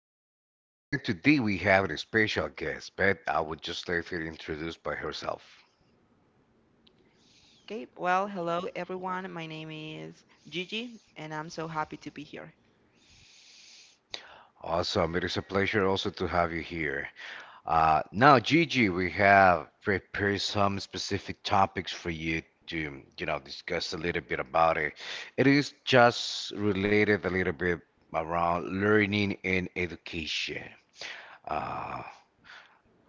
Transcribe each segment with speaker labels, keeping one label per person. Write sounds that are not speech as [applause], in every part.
Speaker 1: is Daniel, and today we have a special guest, but I would just like her to introduce by herself.
Speaker 2: Okay, well, hello everyone. My name is Gigi, and I'm so happy to be here.
Speaker 1: Awesome, it is a pleasure also to have you here. Now, Gigi, we have prepared some specific topics for you to discuss a little bit about it. It is just related a little bit around learning and education. Uh,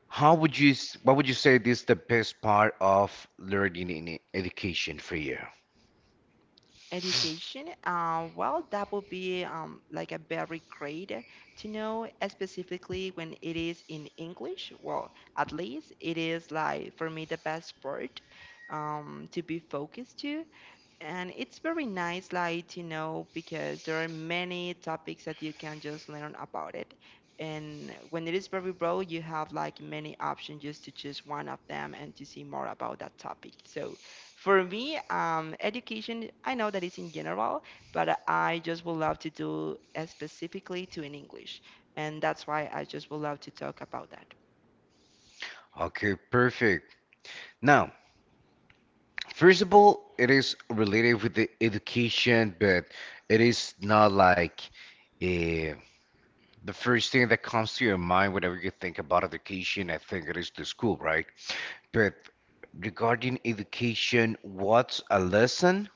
Speaker 1: How would you, s- What would you say is the best part of learning in education for you?
Speaker 2: Education, well, that would be like a very great to know, specifically when it is in English. Well, at least it is like for me the best part to be focused to. And it's very nice like you know because there are many topics that you can just learn about it, and when it is very broad you have like many options just to choose one of them and to see more about that topic. So for me education, I know that it's in general, but I just would love to do specifically to in English, and that's why I just would love to talk about that.
Speaker 1: Okay, perfect. Now, first of all, it is related with the education, but it is not like eh, the first thing that comes to your mind whenever you think about education. I think it is the school, right? But regarding education, what's a lesson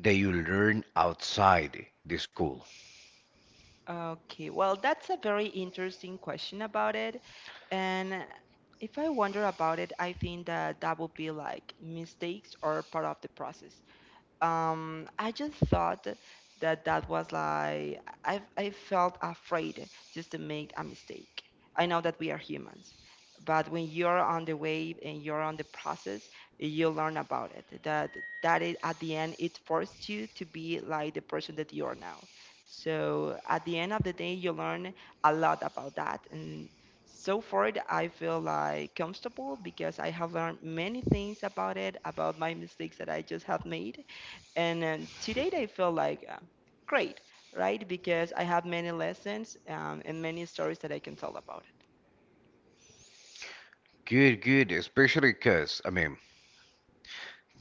Speaker 1: that you learn outside the school?
Speaker 2: Okay, well, that's a very interesting question about it. And if I wonder about it, I think that that would be like mistakes are part of the process. I just thought that that was like I felt afraid just to make a mistake. I know that we are humans, but when you're on the wave and you're on the process, you learn about it that that it, at the end it forced you to be like the person that you are now. So at the end of the day you learn a lot about that, and so far I feel like comfortable because I have learned many things about it, about my mistakes that I just have made. And to date I feel like great, right? Because I have many lessons and many stories that I can tell about
Speaker 1: Good, good, especially because, I mean,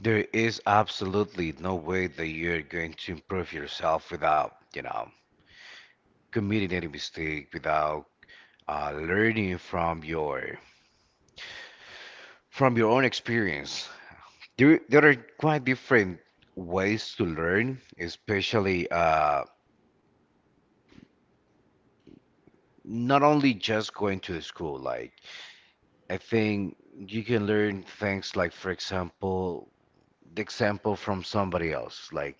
Speaker 1: there is absolutely no way that you're going to improve yourself without committing any mistake, without learning from your own experience. There are quite different ways to learn, especially not only just going to the school. Like I think you can learn things like, for example, the example from somebody else. Like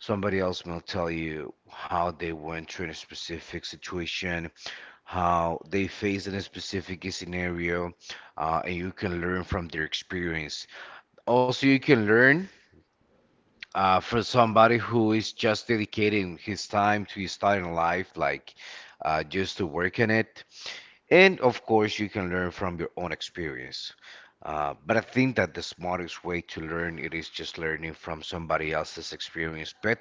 Speaker 1: somebody else will tell you how they went through a specific situation, how they faced in a specific scenario, and you can learn from their experience. Also, you can learn for somebody who is just dedicating his time to his in life, like just to work on it. And of course, you can learn from your own experience. But I think that the smartest way to learn it is just learning from somebody else's experience. But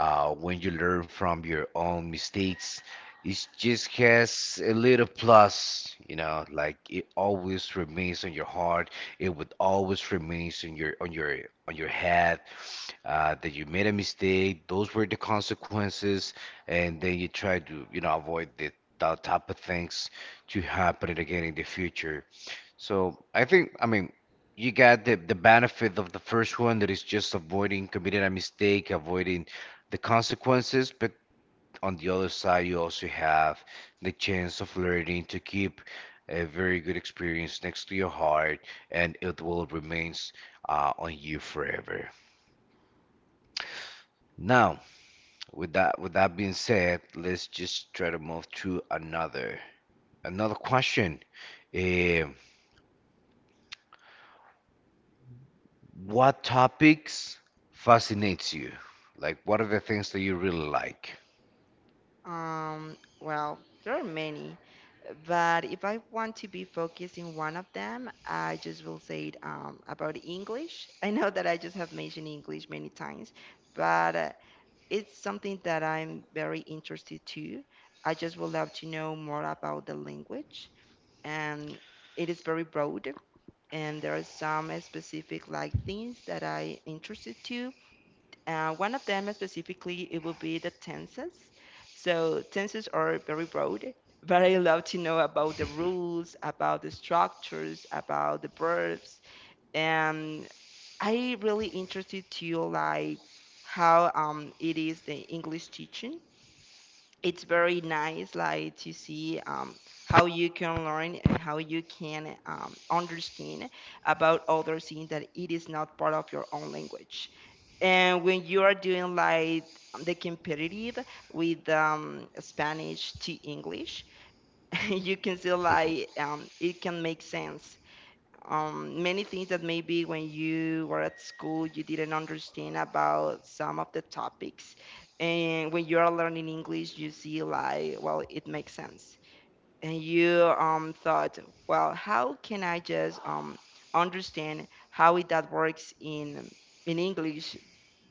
Speaker 1: when you learn from your own mistakes, it just has a little plus, like it always remains on your heart. It would always remains on your head that you made a mistake. Those were the consequences, and then you try to avoid that type of things to happen again in the future. So I think, I mean, you got the benefit of the first one that is just avoiding committing a mistake, avoiding the consequences, but on the other side, you also have the chance of learning to keep a very good experience next to your heart, and it will remains on you forever. Now, with that being said, let's just try to move to another question. Eh, what topics fascinates you? Like, what are the things that you really like?
Speaker 2: it. Well, there are many, but if I want to be focused in one of them I just will say it about English. I know that I just have mentioned English many times, but it's something that I'm very interested to. I just would love to know more about the language, and it is very broad, and there are some specific like things that I interested to. One of them specifically it will be the tenses. So tenses are very broad, but I love to know about the rules, about the structures, about the verbs, and I really interested to like how it is the English teaching. It's very nice like to see how you can learn and how you can understand about other things that it is not part of your own language. And when you are doing like the competitive with Spanish to English [laughs] you can see like it can make sense many things that maybe when you were at school you didn't understand about some of the topics, and when you are learning English you see like, well, it makes sense. And you thought, well, how can I just understand how it that works in English,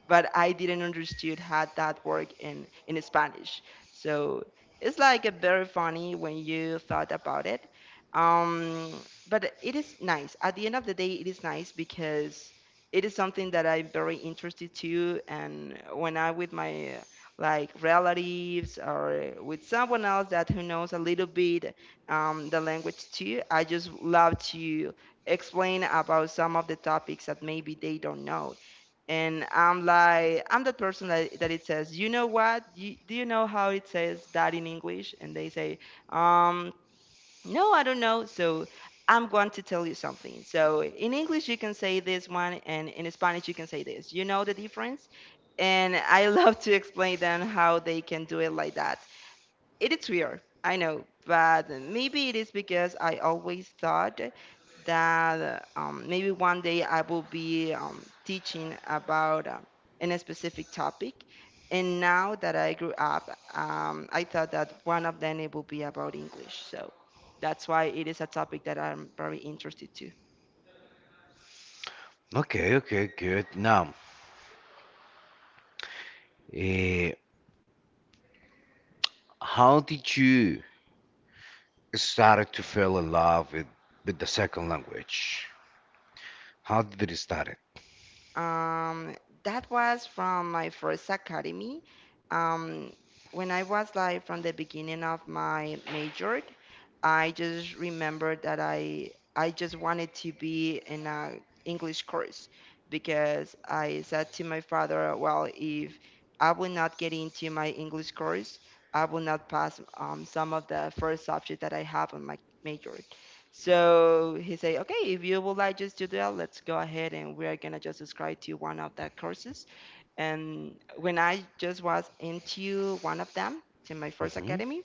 Speaker 2: but I didn't understood how that worked in Spanish. So it's like a very funny when you thought about it. But it is nice. At the end of the day, it is nice because it is something that I'm very interested to. And when I with my like relatives or with someone else that who knows a little bit the language too, I just love to explain about some of the topics that maybe they don't know. And I'm like, I'm that person that, that it says, you know what? You, do you know how it says that in English? And they say, um, no, I don't know. So I'm going to tell you something. So in English, you can say this one, and in Spanish, you can say this. You know the difference? And I [laughs] love to explain them how they can do it like that. It is weird, I know, but maybe it is because I always thought that maybe one day I will be teaching about in a specific topic. And now that I grew up, I thought that one of them it will be about English. So that's why it is a topic that I'm very interested to.
Speaker 1: Okay, okay, good. Now, eh, how did you started to fell in love with the second language? How did it start? It?
Speaker 2: Um, that was from my first academy. Um, when I was like from the beginning of my major, I just remembered that I just wanted to be in a English course, because I said to my father, well, if I will not get into my English course, I will not pass some of the first subject that I have on my major. So he said, okay, if you would like just to do that, let's go ahead and we are gonna just subscribe to one of the courses. And when I just was into one of them, to my first
Speaker 1: Hmm.
Speaker 2: academy,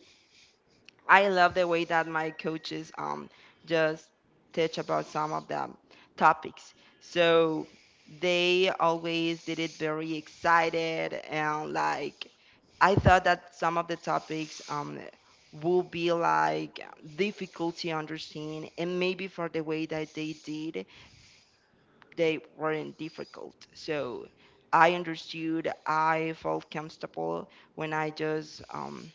Speaker 2: I love the way that my coaches just teach about some of the topics. So they always did it very excited, and like I thought that some of the topics will be like difficult to understand, and maybe for the way that they did they weren't difficult. So I understood, I felt comfortable when I just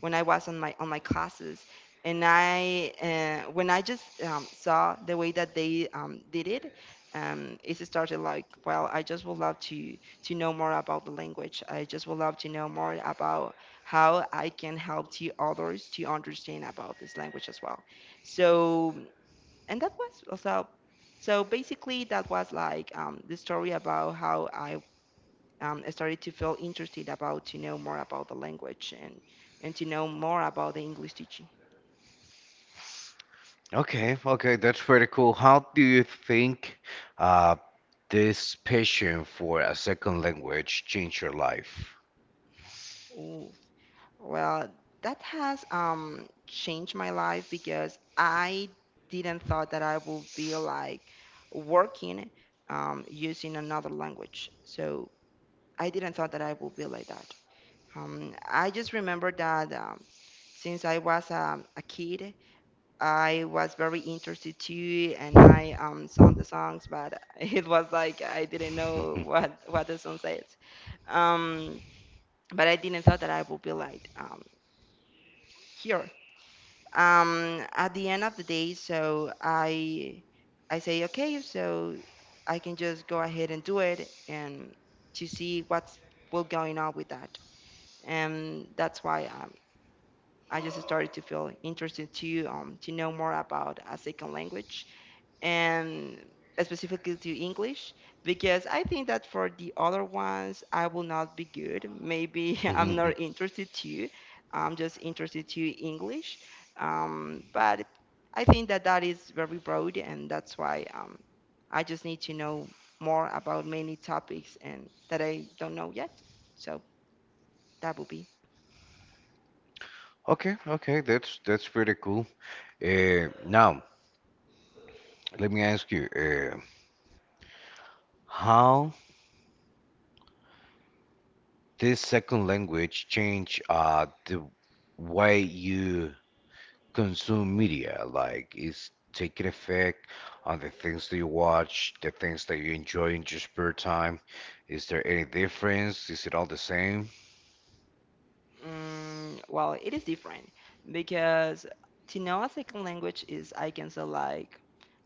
Speaker 2: when I was on my classes, and I when I just saw the way that they did it, it started like, well, I just would love to know more about the language. I just would love to know more about how I can help to others to understand about this language as well. So, and that was also, so basically that was like the story about how I started to feel interested about to know more about the language, and to know more about the English teaching.
Speaker 1: Okay, okay, that's pretty cool. How do you think uh, this passion for a second language changed your life?
Speaker 2: Ooh, well, that has changed my life because I didn't thought that I would be like working using another language. So I didn't thought that I would be like that. I just remember that since I was a kid, I was very interested too, and I sang the songs, but [laughs] it
Speaker 1: [laughs]
Speaker 2: was like I didn't know what the song says. Um, but I didn't thought that I would be like here. At the end of the day, so I say, okay, so I can just go ahead and do it, and to see what's what going on with that, and that's why I just started to feel interested to know more about a second language, and specifically to English, because I think that for the other ones I will not be good. Maybe [laughs] I'm not interested to. I'm just interested to English. But I think that that is very broad, and that's why I just need to know more about many topics and that I don't know yet. So that will be.
Speaker 1: Okay, okay, that's pretty cool. Now, let me ask you, how this second language change the way you consume media? Like, is taking effect on the things that you watch, the things that you enjoy in your spare time? Is there any difference? Is it all the same?
Speaker 2: Mm, well, it is different because to know a second language is, I can say, like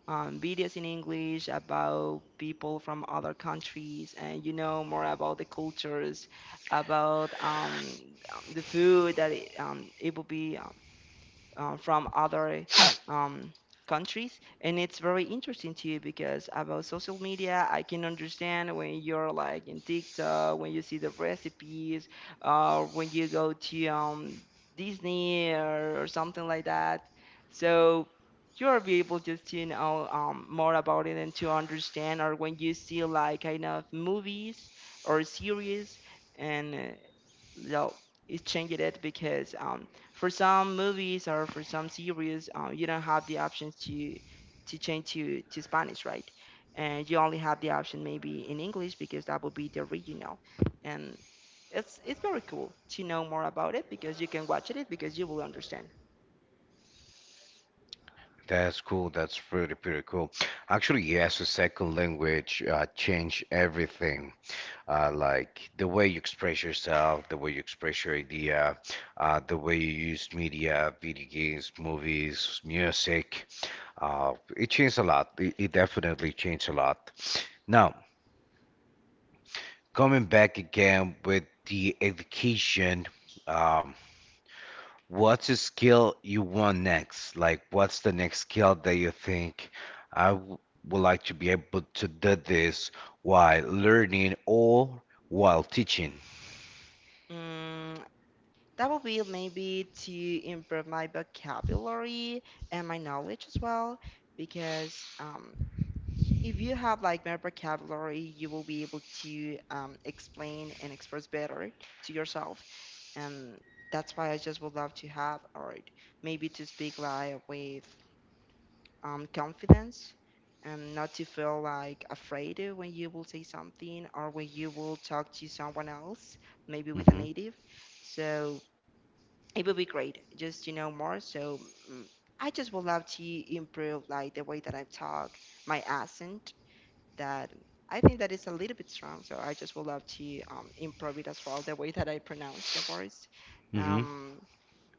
Speaker 2: videos in English about people from other countries, and you know more about the cultures, about the food that it, it will be. From other um, countries, and it's very interesting to you because about social media I can understand when you're like in TikTok, when you see the recipes, when you go to Disney or something like that. So you'll be able just to know more about it, and to understand or when you see like kind of movies or series. And no, will changed it because for some movies or for some series you don't have the options to change to Spanish, right? And you only have the option maybe in English because that would be the original, and it's very cool to know more about it because you can watch it because you will understand.
Speaker 1: That's cool. That's pretty, pretty cool. Actually, yes, the second language change everything. Like the way you express yourself, the way you express your idea, the way you use media, video games, movies, music. It changed a lot. It definitely changed a lot. Now, coming back again with the education, um, what's a skill you want next? Like, what's the next skill that you think I w would like to be able to do this while learning or while teaching?
Speaker 2: Mm, that will be maybe to improve my vocabulary and my knowledge as well, because if you have like more vocabulary, you will be able to explain and express better to yourself. And that's why I just would love to have, or maybe to speak like with confidence and not to feel like afraid when you will say something, or when you will talk to someone else, maybe with a
Speaker 1: Mm-hmm.
Speaker 2: native. So it would be great just to know more. So mm, I just would love to improve like the way that I talk, my accent that I think that is a little bit strong. So I just would love to improve it as well, the way that I pronounce the words.
Speaker 1: Mm-hmm.
Speaker 2: Um,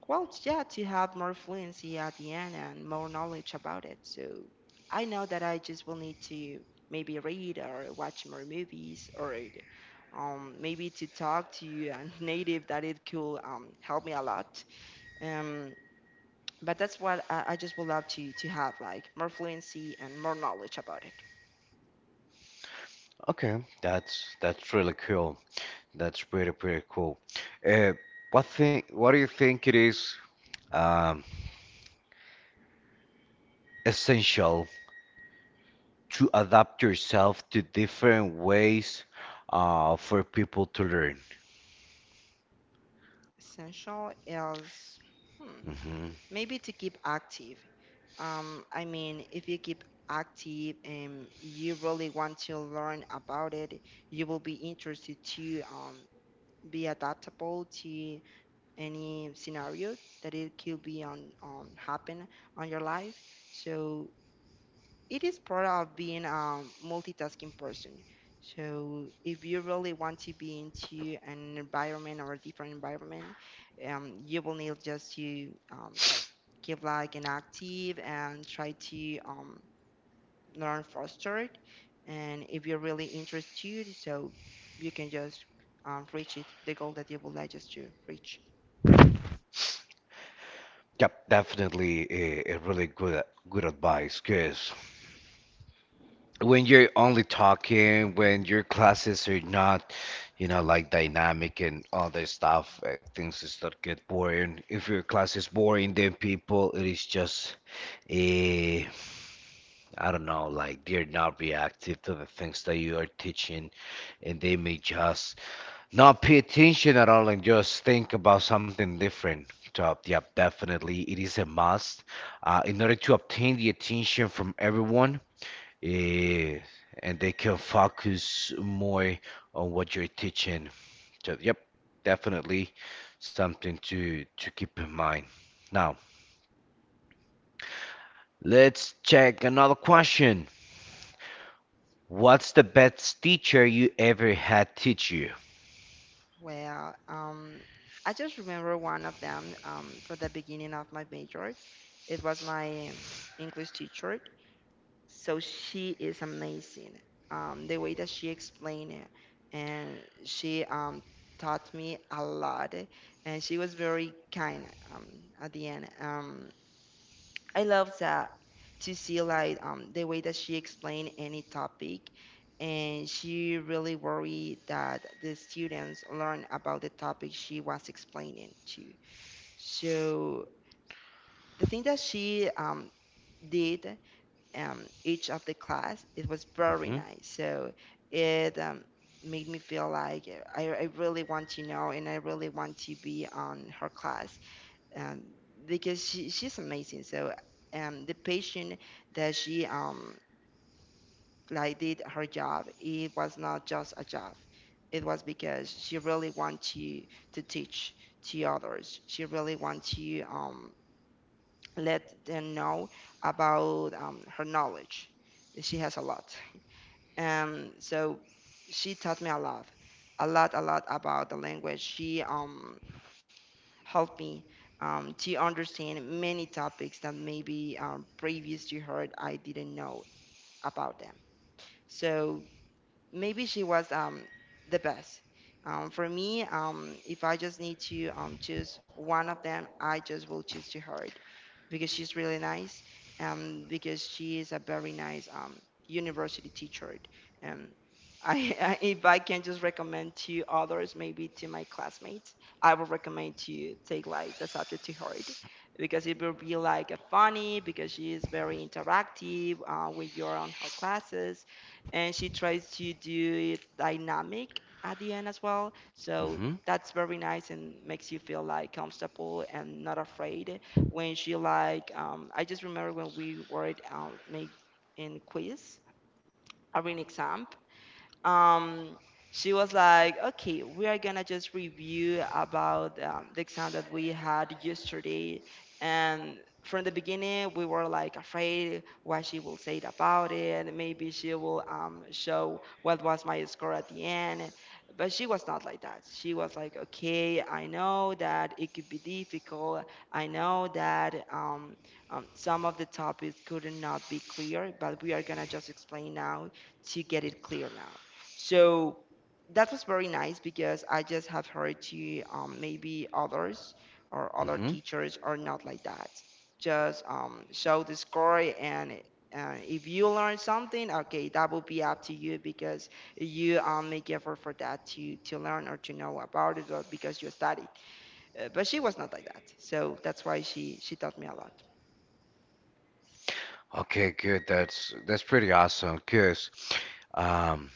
Speaker 2: well, yeah, to have more fluency at the end and more knowledge about it. So I know that I just will need to maybe read or watch more movies or maybe to talk to a [laughs] native that it could help me a lot. Um, but that's what I just would love to have like more fluency and more knowledge about it.
Speaker 1: Okay, that's really cool. That's pretty cool. Uh, what thing? What do you think it is um, essential to adapt yourself to different ways for people to learn?
Speaker 2: Essential is hmm,
Speaker 1: Hmm.
Speaker 2: maybe to keep active. I mean, if you keep active and you really want to learn about it, you will be interested to be adaptable to any scenario that it could be on happen on your life. So it is part of being a multitasking person. So if you really want to be into an environment or a different environment, you will need just to keep like an active and try to learn faster. And if you're really interested, so you can just reach it, the goal that you would like just to reach.
Speaker 1: Yep, definitely a really good advice, because when you're only talking, when your classes are not, like dynamic and all that stuff, things start get boring. If your class is boring, then people, it is just a, I don't know, like they're not reactive to the things that you are teaching, and they may just not pay attention at all and just think about something different. So, yeah, definitely, it is a must in order to obtain the attention from everyone eh, and they can focus more on what you're teaching. So, yep, definitely something to keep in mind. Now, let's check another question. What's the best teacher you ever had teach you?
Speaker 2: Well, I just remember one of them from the beginning of my major. It was my English teacher. So she is amazing. The way that she explained it, and she taught me a lot, and she was very kind um, at the end. I love that to see like the way that she explained any topic and she really worried that the students learn about the topic she was explaining to. So the thing that she did each of the class, it was very
Speaker 1: Hmm.
Speaker 2: nice. So it made me feel like I really want to know and I really want to be on her class um, because she's amazing. So the patient that she like did her job, it was not just a job. It was because she really want to teach to others. She really want to let them know about her knowledge. She has a lot. So she taught me a lot, a lot, a lot about the language. She helped me to understand many topics that maybe previous to her I didn't know about them. So maybe she was the best. For me, if I just need to choose one of them, I just will choose to her because she's really nice and because she is a very nice university teacher. Um, I [laughs] I, if I can just recommend to others, maybe to my classmates, I would recommend to take like the subject to her because it will be like a funny because she is very interactive when you're on her classes and she tries to do it dynamic at the end as well. So
Speaker 1: Hmm.
Speaker 2: that's very nice and makes you feel like comfortable and not afraid when she like I just remember when we were make in quiz or in exam, um she was like, okay, we are gonna just review about the exam that we had yesterday, and from the beginning we were like afraid what she will say about it, maybe she will show what was my score at the end, but she was not like that. She was like, okay, I know that it could be difficult, I know that some of the topics could not be clear, but we are gonna just explain now to get it clear now. So that was very nice because I just have heard to maybe others or other
Speaker 1: Hmm.
Speaker 2: teachers are not like that. Just show the score and if you learn something, okay, that will be up to you because you make effort for that to learn or to know about it or because you studied. But she was not like that, so that's why she taught me a lot.
Speaker 1: Okay, good. That's pretty awesome. Cause um,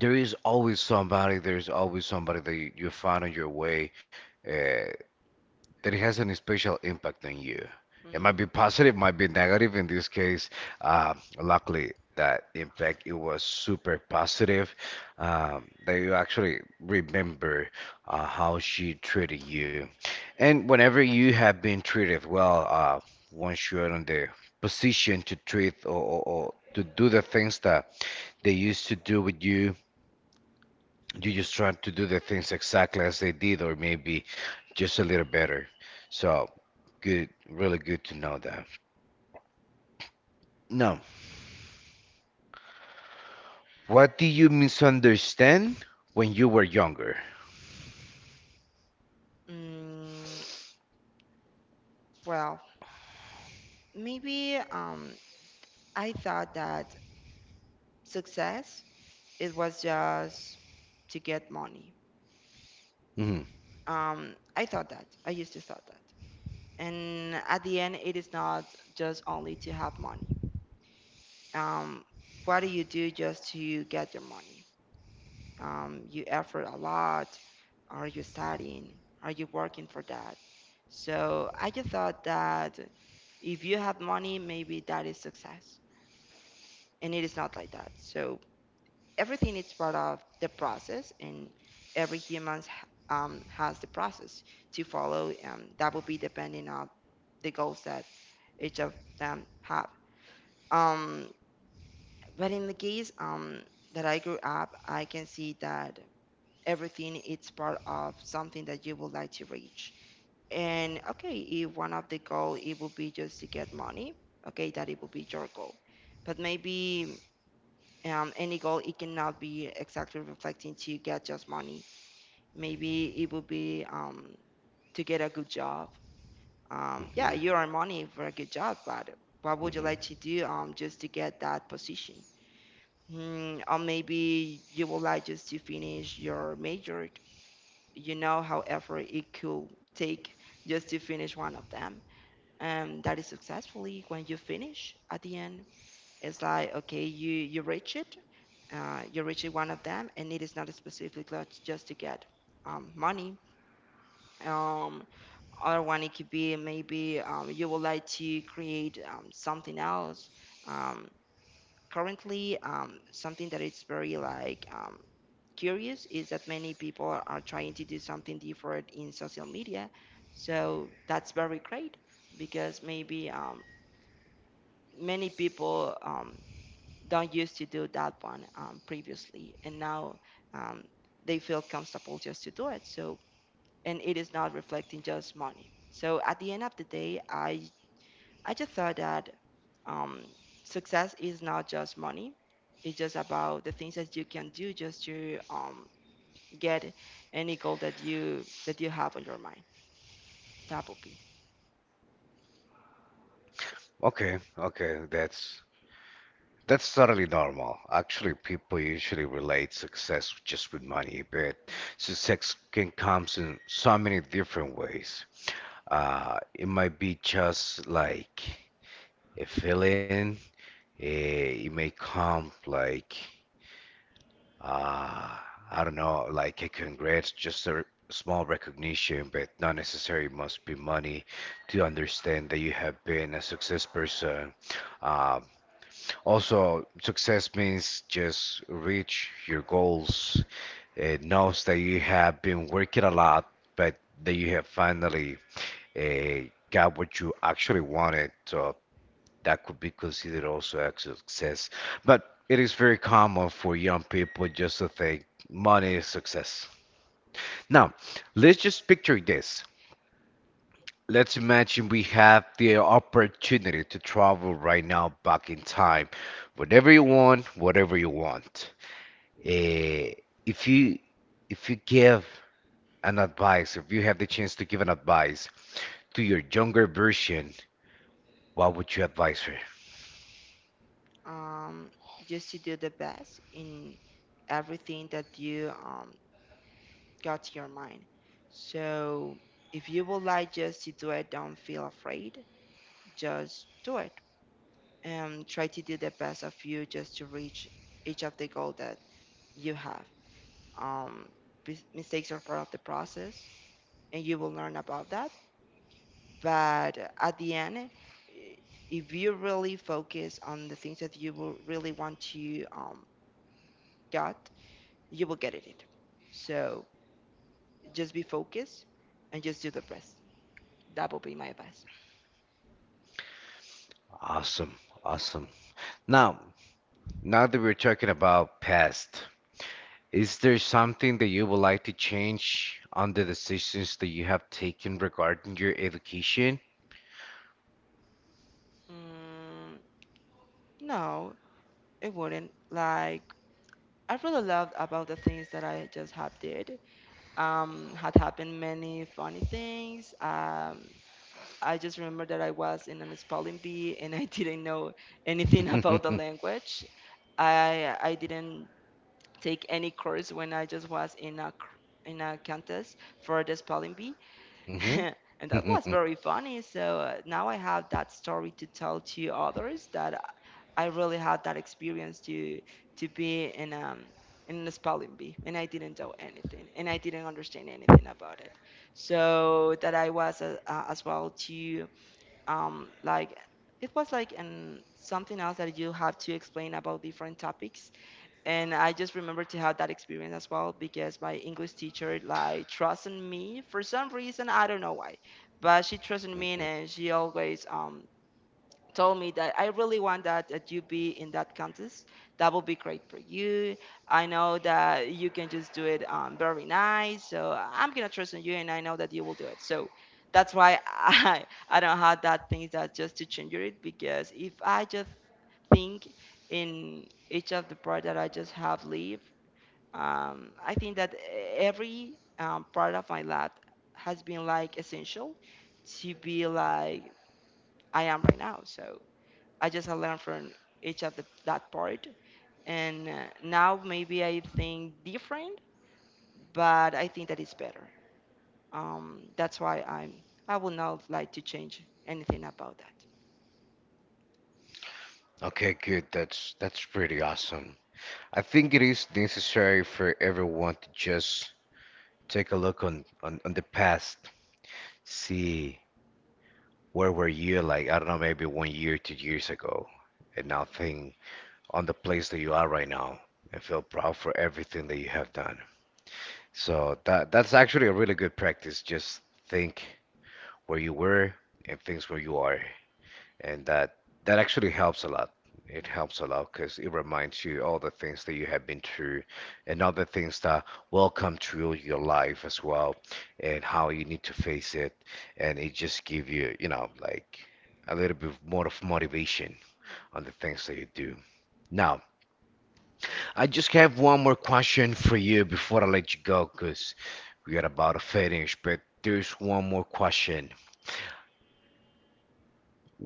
Speaker 1: there is always somebody. There's always somebody that you find on your way. Uh, that it has any special impact on you. It might be positive, might be negative. In this case, uh, luckily that impact it was super positive. That you actually remember how she treated you, and whenever you have been treated well, once you are in the position to treat or to do the things that they used to do with you, you just try to do the things exactly as they did, or maybe just a little better. So good, really good to know that. Now, what do you misunderstand when you were younger?
Speaker 2: Mm, mm, well, maybe I thought that success, it was just to get money.
Speaker 1: Hmm.
Speaker 2: I thought that. I used to thought that. And at the end, it is not just only to have money. Um, what do you do just to get your money? You effort a lot. Are you studying? Are you working for that? So I just thought that if you have money, maybe that is success. And it is not like that. So everything is part of the process and every human has the process to follow that will be depending on the goals that each of them have, um, but in the case that I grew up, I can see that everything is part of something that you would like to reach. And okay, if one of the goal it would be just to get money, okay, that it would be your goal, but maybe any goal it cannot be exactly reflecting to get just money. Maybe it would be to get a good job. um,
Speaker 1: Hmm.
Speaker 2: yeah you earn money for a good job, but what would you
Speaker 1: Hmm.
Speaker 2: like to do just to get that position? Hmm, or maybe you would like just to finish your major, you know, however it could take just to finish one of them, and that is successfully when you finish at the end. It's like, okay, you reach it. You're reaching one of them, and it is not specifically just to get money. Um, other one it could be maybe you would like to create something else. Um, currently um, something that is very like curious is that many people are trying to do something different in social media. So that's very great because maybe many people don't used to do that one previously, and now um, they feel comfortable just to do it. So, and it is not reflecting just money. So, at the end of the day, I just thought that um, success is not just money. It's just about the things that you can do just to get any goal that you have on your mind. That would be
Speaker 1: Okay, okay, that's totally normal. Actually, people usually relate success just with money, but success can come in so many different ways. It might be just like a feeling. It may come like Uh, I don't know, like a congrats, just a small recognition, but not necessarily must be money to understand that you have been a success person. Um, also, success means just reach your goals. It knows that you have been working a lot, but that you have finally got what you actually wanted. So that could be considered also a success. But it is very common for young people just to think money is success. Now, let's just picture this. Let's imagine we have the opportunity to travel right now back in time. Whatever you want, whatever you want. Eh, if you give an advice, if you have the chance to give an advice to your younger version, what would you advise her?
Speaker 2: um, just to do the best in everything that you got to your mind. So if you would like just to do it, don't feel afraid. Just do it and try to do the best of you just to reach each of the goal that you have. Um, Mistakes are part of the process, and you will learn about that. But at the end, i- if you really focus on the things that you will really want to get, you will get it. So just be focused and just do the best. That will be my advice.
Speaker 1: Awesome, awesome. Now, Now that we're talking about past, is there something that you would like to change on the decisions that you have taken regarding your education?
Speaker 2: Mm, no, it wouldn't. Like I really loved about the things that I just have did. Had happened many funny things. I just remember that I was in an spelling bee and I [laughs] didn't know anything about the
Speaker 1: [laughs]
Speaker 2: language. I didn't take any course when I just was in a in a contest for the spelling bee. [laughs]
Speaker 1: Hmm.
Speaker 2: and that was
Speaker 1: [laughs]
Speaker 2: very funny. So now I have that story to tell to others that I really had that experience to be in a spelling bee, and I didn't know anything, and I didn't understand anything about it. So that I was as well to like it was like an something else that you have to explain about different topics and I just remember to have that experience as well because my English teacher like trusted me for some reason I don't know why, but she trusted me and she always told me that I really want that that you be in that contest. That will be great for you. I know that you can just do it very nice. So I'm gonna trust in you, and I know that you will do it. So that's why I [laughs] I don't have that thing that just to change it because if I just think in each of the part that I just have lived, I think that every part of my life has been like essential to be like I am right now. So I just learned from each of that part, and now maybe I think different, but I think that it's better. That's why I'm. I would not like to change anything about that.
Speaker 1: Okay, good. That's pretty awesome. I think it is necessary for everyone to just take a look on the past, see where were you like, I don't know, maybe one year, 2 years ago, and now think on the place that you are right now and feel proud for everything that you have done. So that's actually a really good practice. Just think where you were and things where you are, and that that actually helps a lot. It helps a lot because it reminds you all the things that you have been through and all the things that will come through your life as well, and how you need to face it. And it just give you, like a little bit more of motivation on the things that you do. Now, I just have one more question for you before I let you go, because we are about to finish. But there's one more question.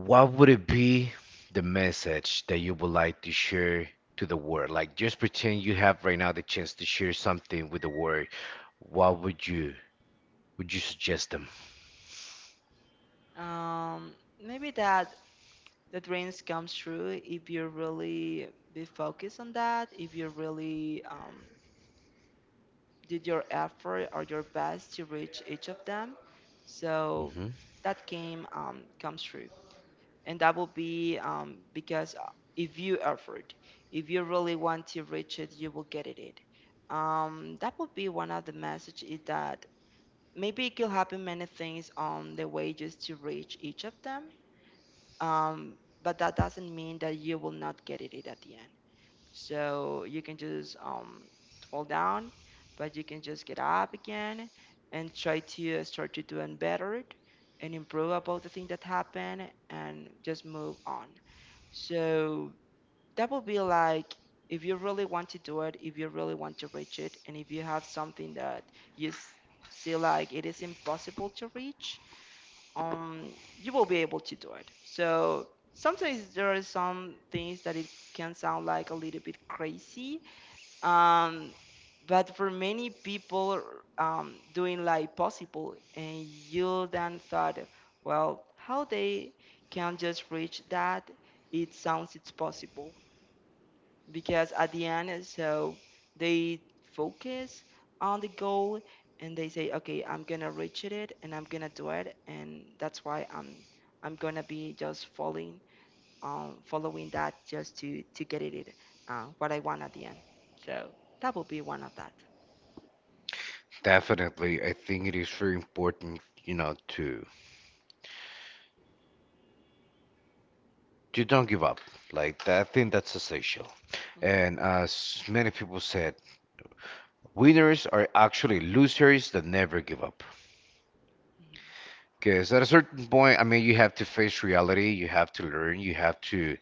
Speaker 1: What would it be the message that you would like to share to the world? Like, just pretend you have right now the chance to share something with the world. What would you suggest them?
Speaker 2: Mm. Um, maybe that the dreams comes true if you really be focused on that, if you really did your effort or your best to reach each of them. So
Speaker 1: Hmm.
Speaker 2: that game comes true. And that will be because if you effort, if you really want to reach it, you will get it. That would be one of the message is that maybe it could happen many things on the way just to reach each of them, um, but that doesn't mean that you will not get it at the end. So you can just fall down, but you can just get up again and try to start to doing better and improve about the thing that happened and just move on. So that would be like if you really want to do it, if you really want to reach it, and if you have something that you see like it is impossible to reach, you will be able to do it. So sometimes there are some things that it can sound like a little bit crazy, um, but for many people doing like possible and you then thought, well, how they can just reach that, it sounds it's possible because at the end so they focus on the goal and they say, okay, I'm gonna reach it and I'm gonna do it, and that's why I'm gonna be just falling following that just to get it, what I want at the end. So that would be one of that.
Speaker 1: Definitely, I think it is very important, to to don't give up. Like that, I think that's essential.
Speaker 2: Mhm.
Speaker 1: And as many people said, winners are actually losers that never give up.
Speaker 2: Mhm.
Speaker 1: Because at a certain point, I mean, you have to face reality, you have to learn, you have to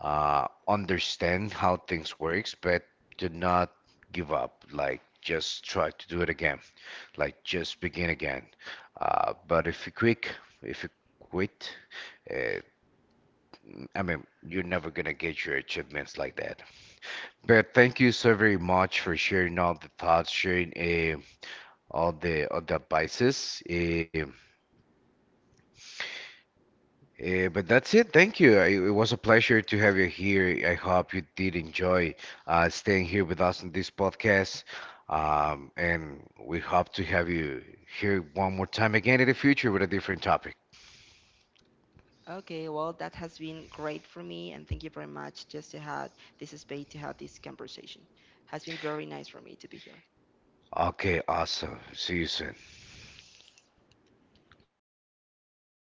Speaker 1: understand how things works, but do not give up. Like, just try to do it again. Like, just begin again. But if you quit, if you quit, uh, I mean, you're never gonna get your achievements like that. But thank you so very much for sharing all the thoughts, sharing a on the on that basis. But that's it. Thank you. It was a pleasure to have you here. I hope you did enjoy staying here with us on this podcast. And we hope to have you here one more time again in the future with a different topic.
Speaker 2: Okay, well, that has been great for me, and thank you very much just to have this space to have this conversation. Has been very nice for me to be here.
Speaker 1: Okay, awesome. See you soon.